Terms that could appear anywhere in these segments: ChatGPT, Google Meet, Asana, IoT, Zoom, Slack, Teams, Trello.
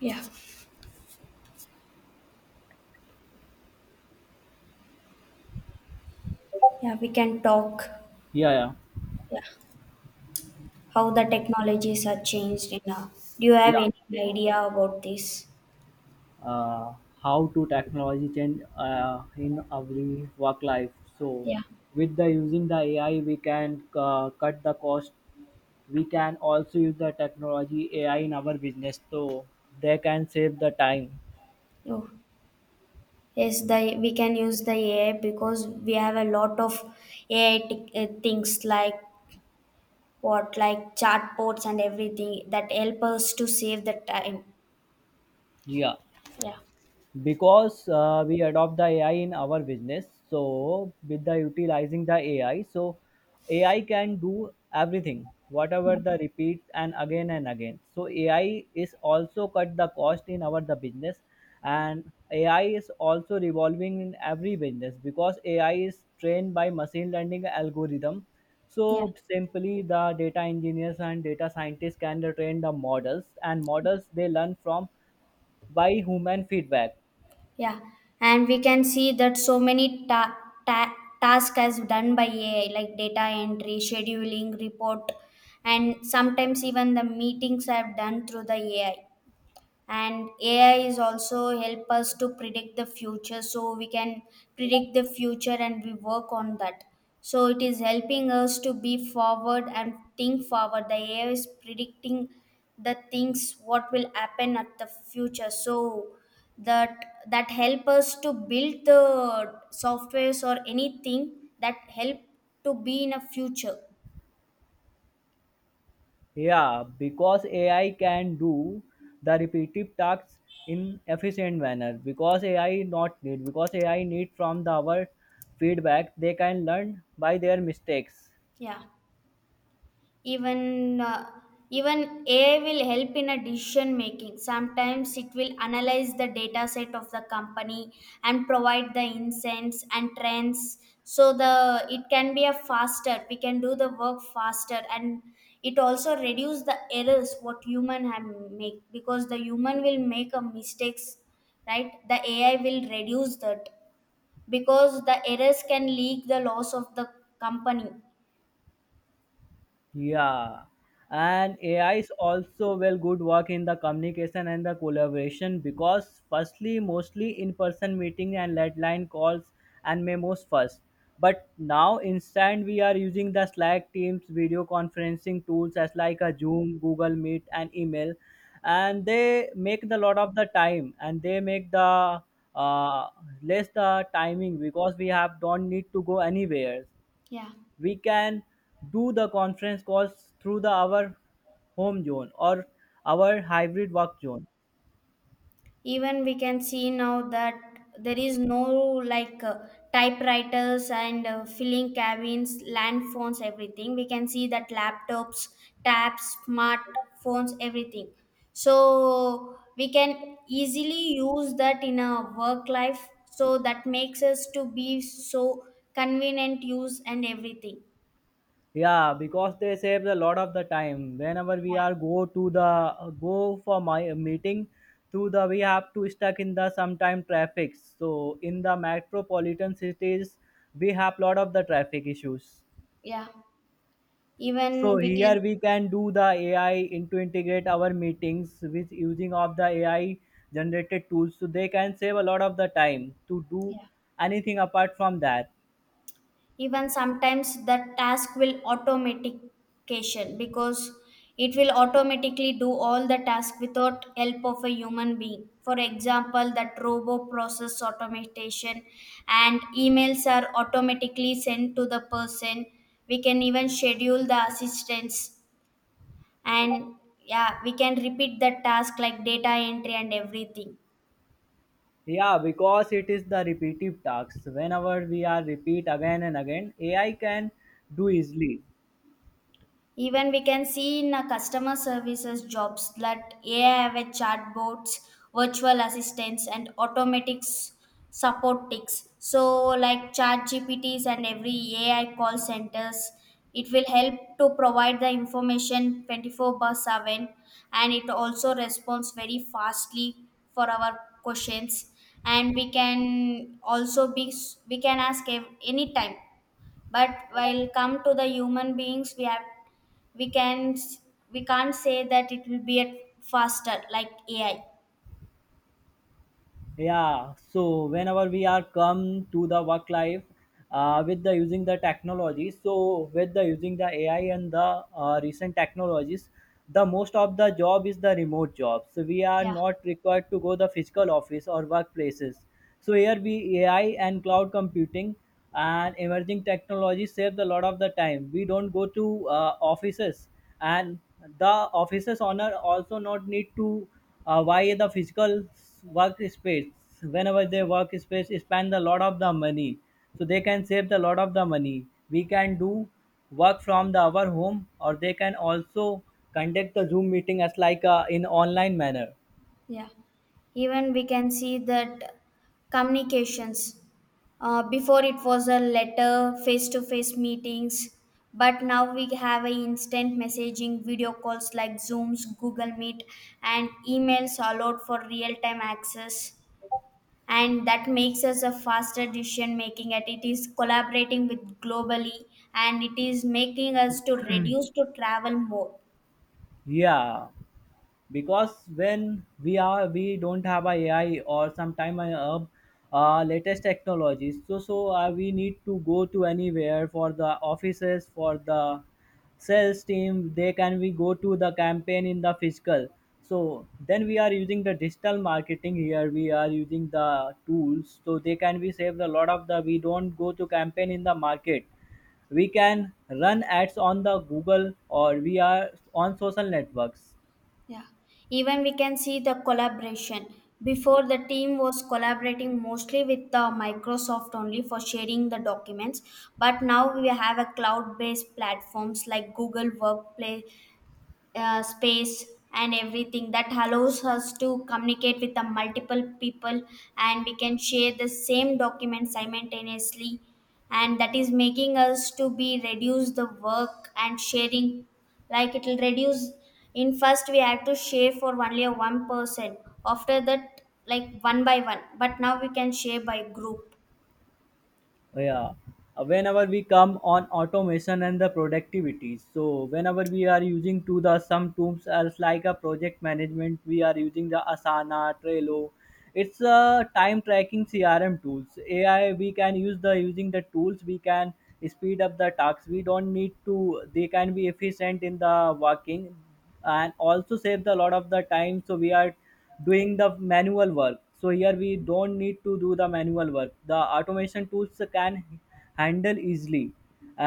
Yeah, Yeah, we can talk Yeah, yeah, yeah. How the technologies are changed in do you have yeah. any idea about this? Uh, how to technology change in every work life? So, Yeah, with the using the AI, we can cut the cost. We can also use the technology AI in our business, so they can save the time. Oh, yes, the we can use the AI because we have a lot of AI things like chatbots and everything that help us to save the time. Yeah. Yeah. Because we adopt the ai in our business so with the utilizing the ai so ai can do everything whatever yeah, the repeat and again so ai is also cut the cost in our the business and ai is also revolving in every business because ai is trained by machine learning algorithm yeah. so simply the data engineers and data scientists can train the models and models they learn from by human feedback. Yeah, and we can see that so many ta- tasks as done by AI, like data entry, scheduling, report, and sometimes even the meetings are done through the AI, and ai is also help us to predict the future, so we can predict the future and we work on that. So it is helping us to be forward and think forward. The ai is predicting the things what will happen at the future, so that that help us to build the softwares or anything that help to be in a future. Yeah, because AI can do the repetitive tasks in efficient manner. Because AI not need, because AI need from the our feedback, they can learn by their mistakes. Yeah even uh, even AI will help in a decision making. Sometimes it will analyze the data set of the company and provide the insights and trends. So the it can be a faster. We can do the work faster, and it also reduce the errors what human have make, because the human will make a mistakes, right? The AI will reduce that because the errors can leak the loss of the company. Yeah, and AI is also well good work in the communication and the collaboration because firstly mostly in-person meeting and landline calls and memos first. But now instant we are using the Slack Teams video conferencing tools as like a Zoom, Google Meet and email and they make the lot of the time and they make the uh, less the timing because we have don't need to go anywhere, Yeah. we can do the conference calls through the our home zone or our hybrid work zone. Even we can see now that there is no like typewriters and filling cabins, land phones, everything. We can see that laptops, tabs, smart phones, everything. So we can easily use that in a work life, so that makes us to be so convenient use and everything. Yeah, because they save a lot of the time whenever we Yeah are go to the go for my meeting through the we have to stuck in the sometime traffic so in the metropolitan cities we have lot of the traffic issues. yeah So even we can here we can do the AI into integrate our meetings with using of the AI generated tools. So they can save a lot of the time to do yeah anything apart from that. Even sometimes the task will automatication, because it will automatically do all the task without help of a human being, for example that robo process automation, and emails are automatically sent to the person. We can even schedule the assistance, and yeah, we can repeat the task like data entry and everything. Yeah, because it is the repetitive tasks. Whenever we are repeat again and again, AI can do easily. Even we can see in a customer services jobs that AI have a chatbots, virtual assistants, and automatic support ticks. So, like chat GPTs and every AI call centers, it will help to provide the information 24 by 7, and it also responds very fastly for our questions, and we can also we can ask anytime. But while come to the human beings, we have we can we can't say that it will be at faster like ai. Yeah, so whenever we are come to the work life with the using the technology so with the using the ai and the recent technologies the most of the job is the remote job so we are yeah not required to go the physical office or workplaces. So here we ai and cloud computing and emerging technology saves a lot of the time we don't go to offices, and the offices owner also not need to why the physical workspace whenever they workspace spend a lot of the money so they can save the lot of the money, we can do work from the our home or they can also conduct the zoom meeting as like in online manner. yeah Even we can see that communications, before it was a letter, face to face meetings, but now we have a instant messaging, video calls like zooms, google meet, and emails allowed for real time access, and that makes us a faster decision making, and it is collaborating with globally, and it is making us to reduce to travel more. Yeah, because when we are we don't have a AI or sometime a latest technologies so we need to go to anywhere for the offices for the sales team they can we go to the campaign in the physical, so then we are using the digital marketing here we are using the tools so they can be saved a lot of the we don't go to campaign in the market, we can run ads on the google or we are on social networks. Yeah, even we can see the collaboration. Before, the team was collaborating mostly with Microsoft only for sharing the documents, but now we have a cloud-based platforms like Google Workplace, space, and everything that allows us to communicate with the multiple people, and we can share the same document simultaneously, and that is making us to be reduce the work and sharing. Like it will reduce, in first we have to share for only a one person, after that like one by one, but now we can share by group. Oh, yeah. Whenever we come on automation and the productivity so whenever we are using to the some tools as like a project management we are using the asana trello, it's a time tracking crm tools ai we can use the using the tools we can speed up the tasks we don't need to, they can be efficient in the working, and also saves a lot of the time so we are doing the manual work so here we don't need to do the manual work the automation tools can handle easily.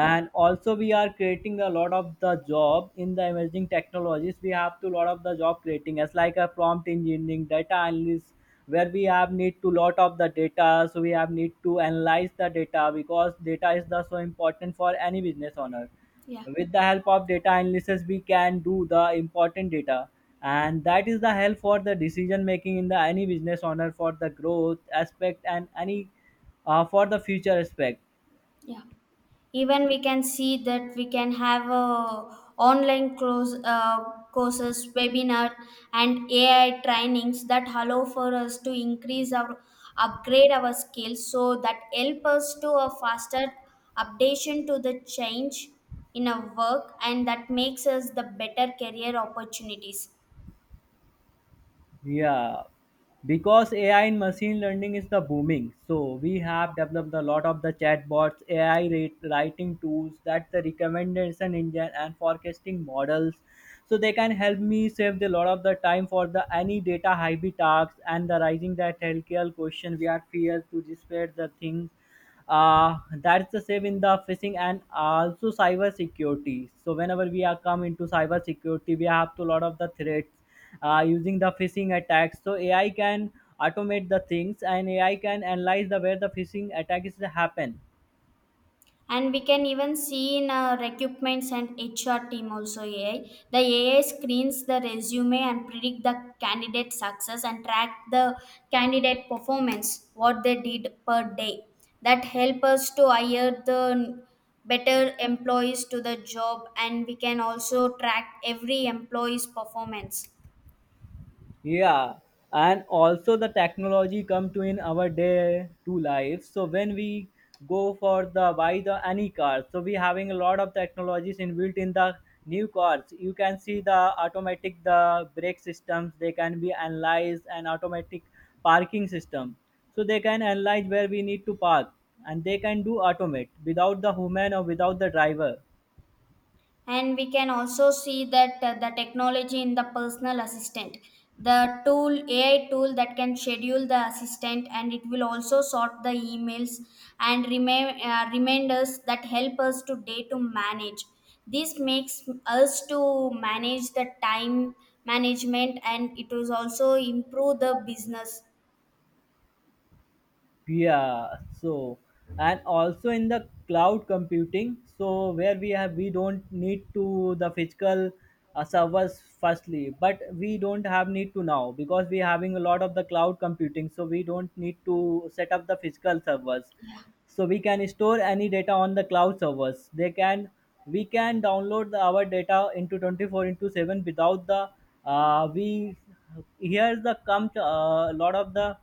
yeah also we are creating a lot of the job in the emerging technologies we have to lot of the job creating as like a prompt engineering data analyst where we have need to lot of the data so we have need to analyze the data because data is the so important for any business owner. yeah With the help of data analysis we can do the important data, and that is the help for the decision making in the any business owner for the growth aspect and any for the future aspect. yeah Even we can see that we can have a online course, courses, webinar, and ai trainings that allow for us to increase our upgrade our skills, so that help us to a faster updation to the change in our work, and that makes us the better career opportunities. Yeah, because AI in machine learning is the booming, so we have developed a lot of the chatbots, AI rate, writing tools, that the recommendation engine and forecasting models. So they can help me save the lot of the time for the any data heavy tasks and the rising that healthcare question we are feared to spread the thing. That's the same in the phishing and also cyber security so whenever we are come into cyber security we have to lot of the threats using the phishing attacks so ai can automate the things and ai can analyze the where the phishing attack is happen. And we can even see in our recruitments and hr team also ai. The ai screens the resume and predict the candidate success and track the candidate performance what they did per day. That help us to hire the better employees to the job, and we can also track every employee's performance. Yeah, and also the technology come to in our day to life. So when we go for the buy the any car, so we having a lot of technologies inbuilt in the new cars. You can see the automatic the brake systems. They can be analyzed and automatic parking system. So they can analyze where we need to park, and they can do automate without the human or without the driver. And we can also see that the technology in the personal assistant, the tool ai tool that can schedule the assistant, and it will also sort the emails and reminders that help us today to manage. This makes us to manage the time management, and it will also improve the business. Yeah, so and also in the cloud computing so where we have we don't need to the physical servers firstly but we don't have need to now because we having a lot of the cloud computing so we don't need to set up the physical servers, so we can store any data on the cloud servers they can we can download the, our data into 24 into 7 without the we here's the come a lot of the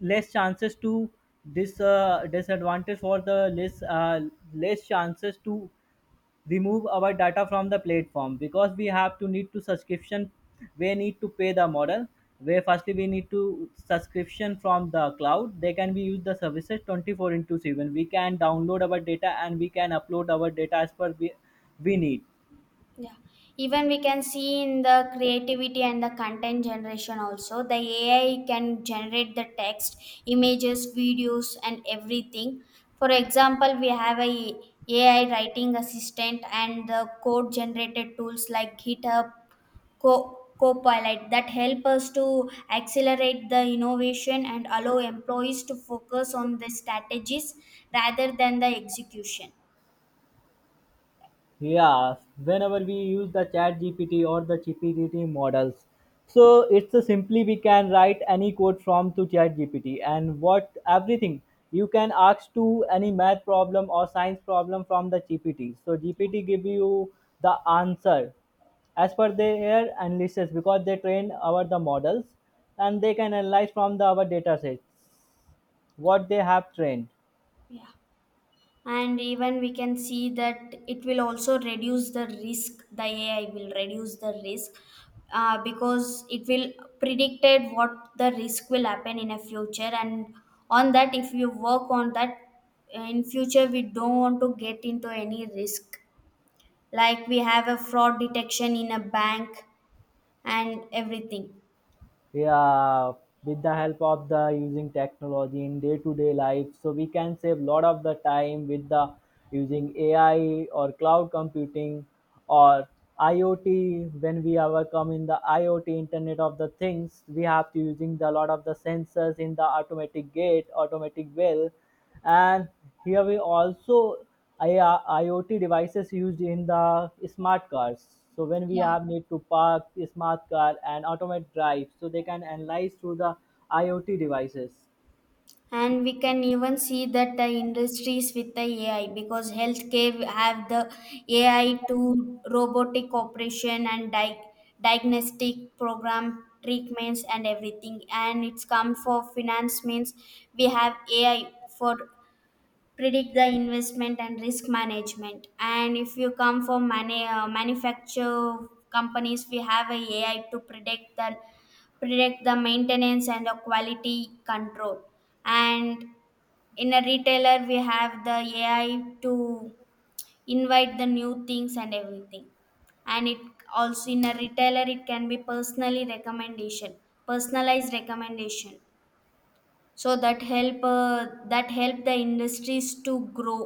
less chances to this disadvantage for the less less chances to remove our data from the platform because we have to need to subscription, we need to pay the model where firstly we need to subscription from the cloud they can be use the services 24 into 7 we can download our data and we can upload our data as per we need. Yeah, even we can see in the creativity and the content generation also, the AI can generate the text, images, videos, and everything. For example, we have a AI writing assistant and the code generated tools like GitHub, Copilot, that help us to accelerate the innovation and allow employees to focus on the strategies rather than the execution. Yes, whenever we use the chat GPT or the GPT models, so it's a simply we can write any code from to chat GPT and what everything you can ask to any math problem or science problem from the GPT. So GPT give you the answer as per their analysis because they train our the models and they can analyze from the our data sets what they have trained. Yeah. And even we can see that it will also reduce the risk. The ai will reduce the risk, because it will predicted what the risk will happen in a future, and on that if you work on that, in future we don't want to get into any risk, like we have a fraud detection in a bank and everything. Yeah, with the help of the using technology in day to day life so we can save lot of the time with the using ai or cloud computing or iot when we ever come in the iot internet of the things we have to using the lot of the sensors in the automatic gate automatic well, and here we also IoT devices used in the smart cars. So when we have need to park the smart car and automate drive, so they can analyze through the IoT devices. And we can even see that the industries with the ai, because healthcare have the ai to robotic operation and diagnostic program treatments and everything, and it's come for finance means we have ai for predict the investment and risk management. And if you come for manufacture companies, we have a ai to predict the maintenance and the quality control, and in a retailer we have the ai to invite the new things and everything, and it also in a retailer it can be personally recommendation personalized recommendation, so that help the industries to grow.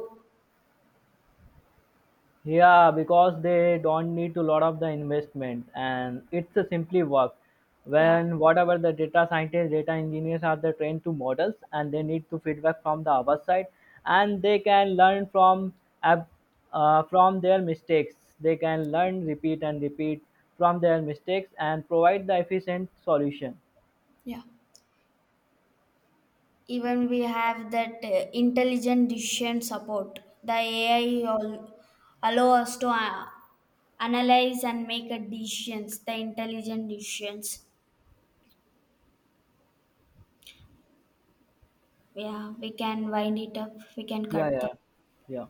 Yeah, because they don't need to lot of the investment and it's a simply work. yeah When whatever the data scientists, data engineers are the trained to models and they need to feedback from the other side and they can learn from ab- from their mistakes. They can learn, repeat and repeat from their mistakes and provide the efficient solution. Yeah. Even we have that intelligent decision support, the ai all allow us to analyze and make a decisions, the intelligent decisions. Yeah, we can wind it up. We can Yeah, cut the yeah, yeah.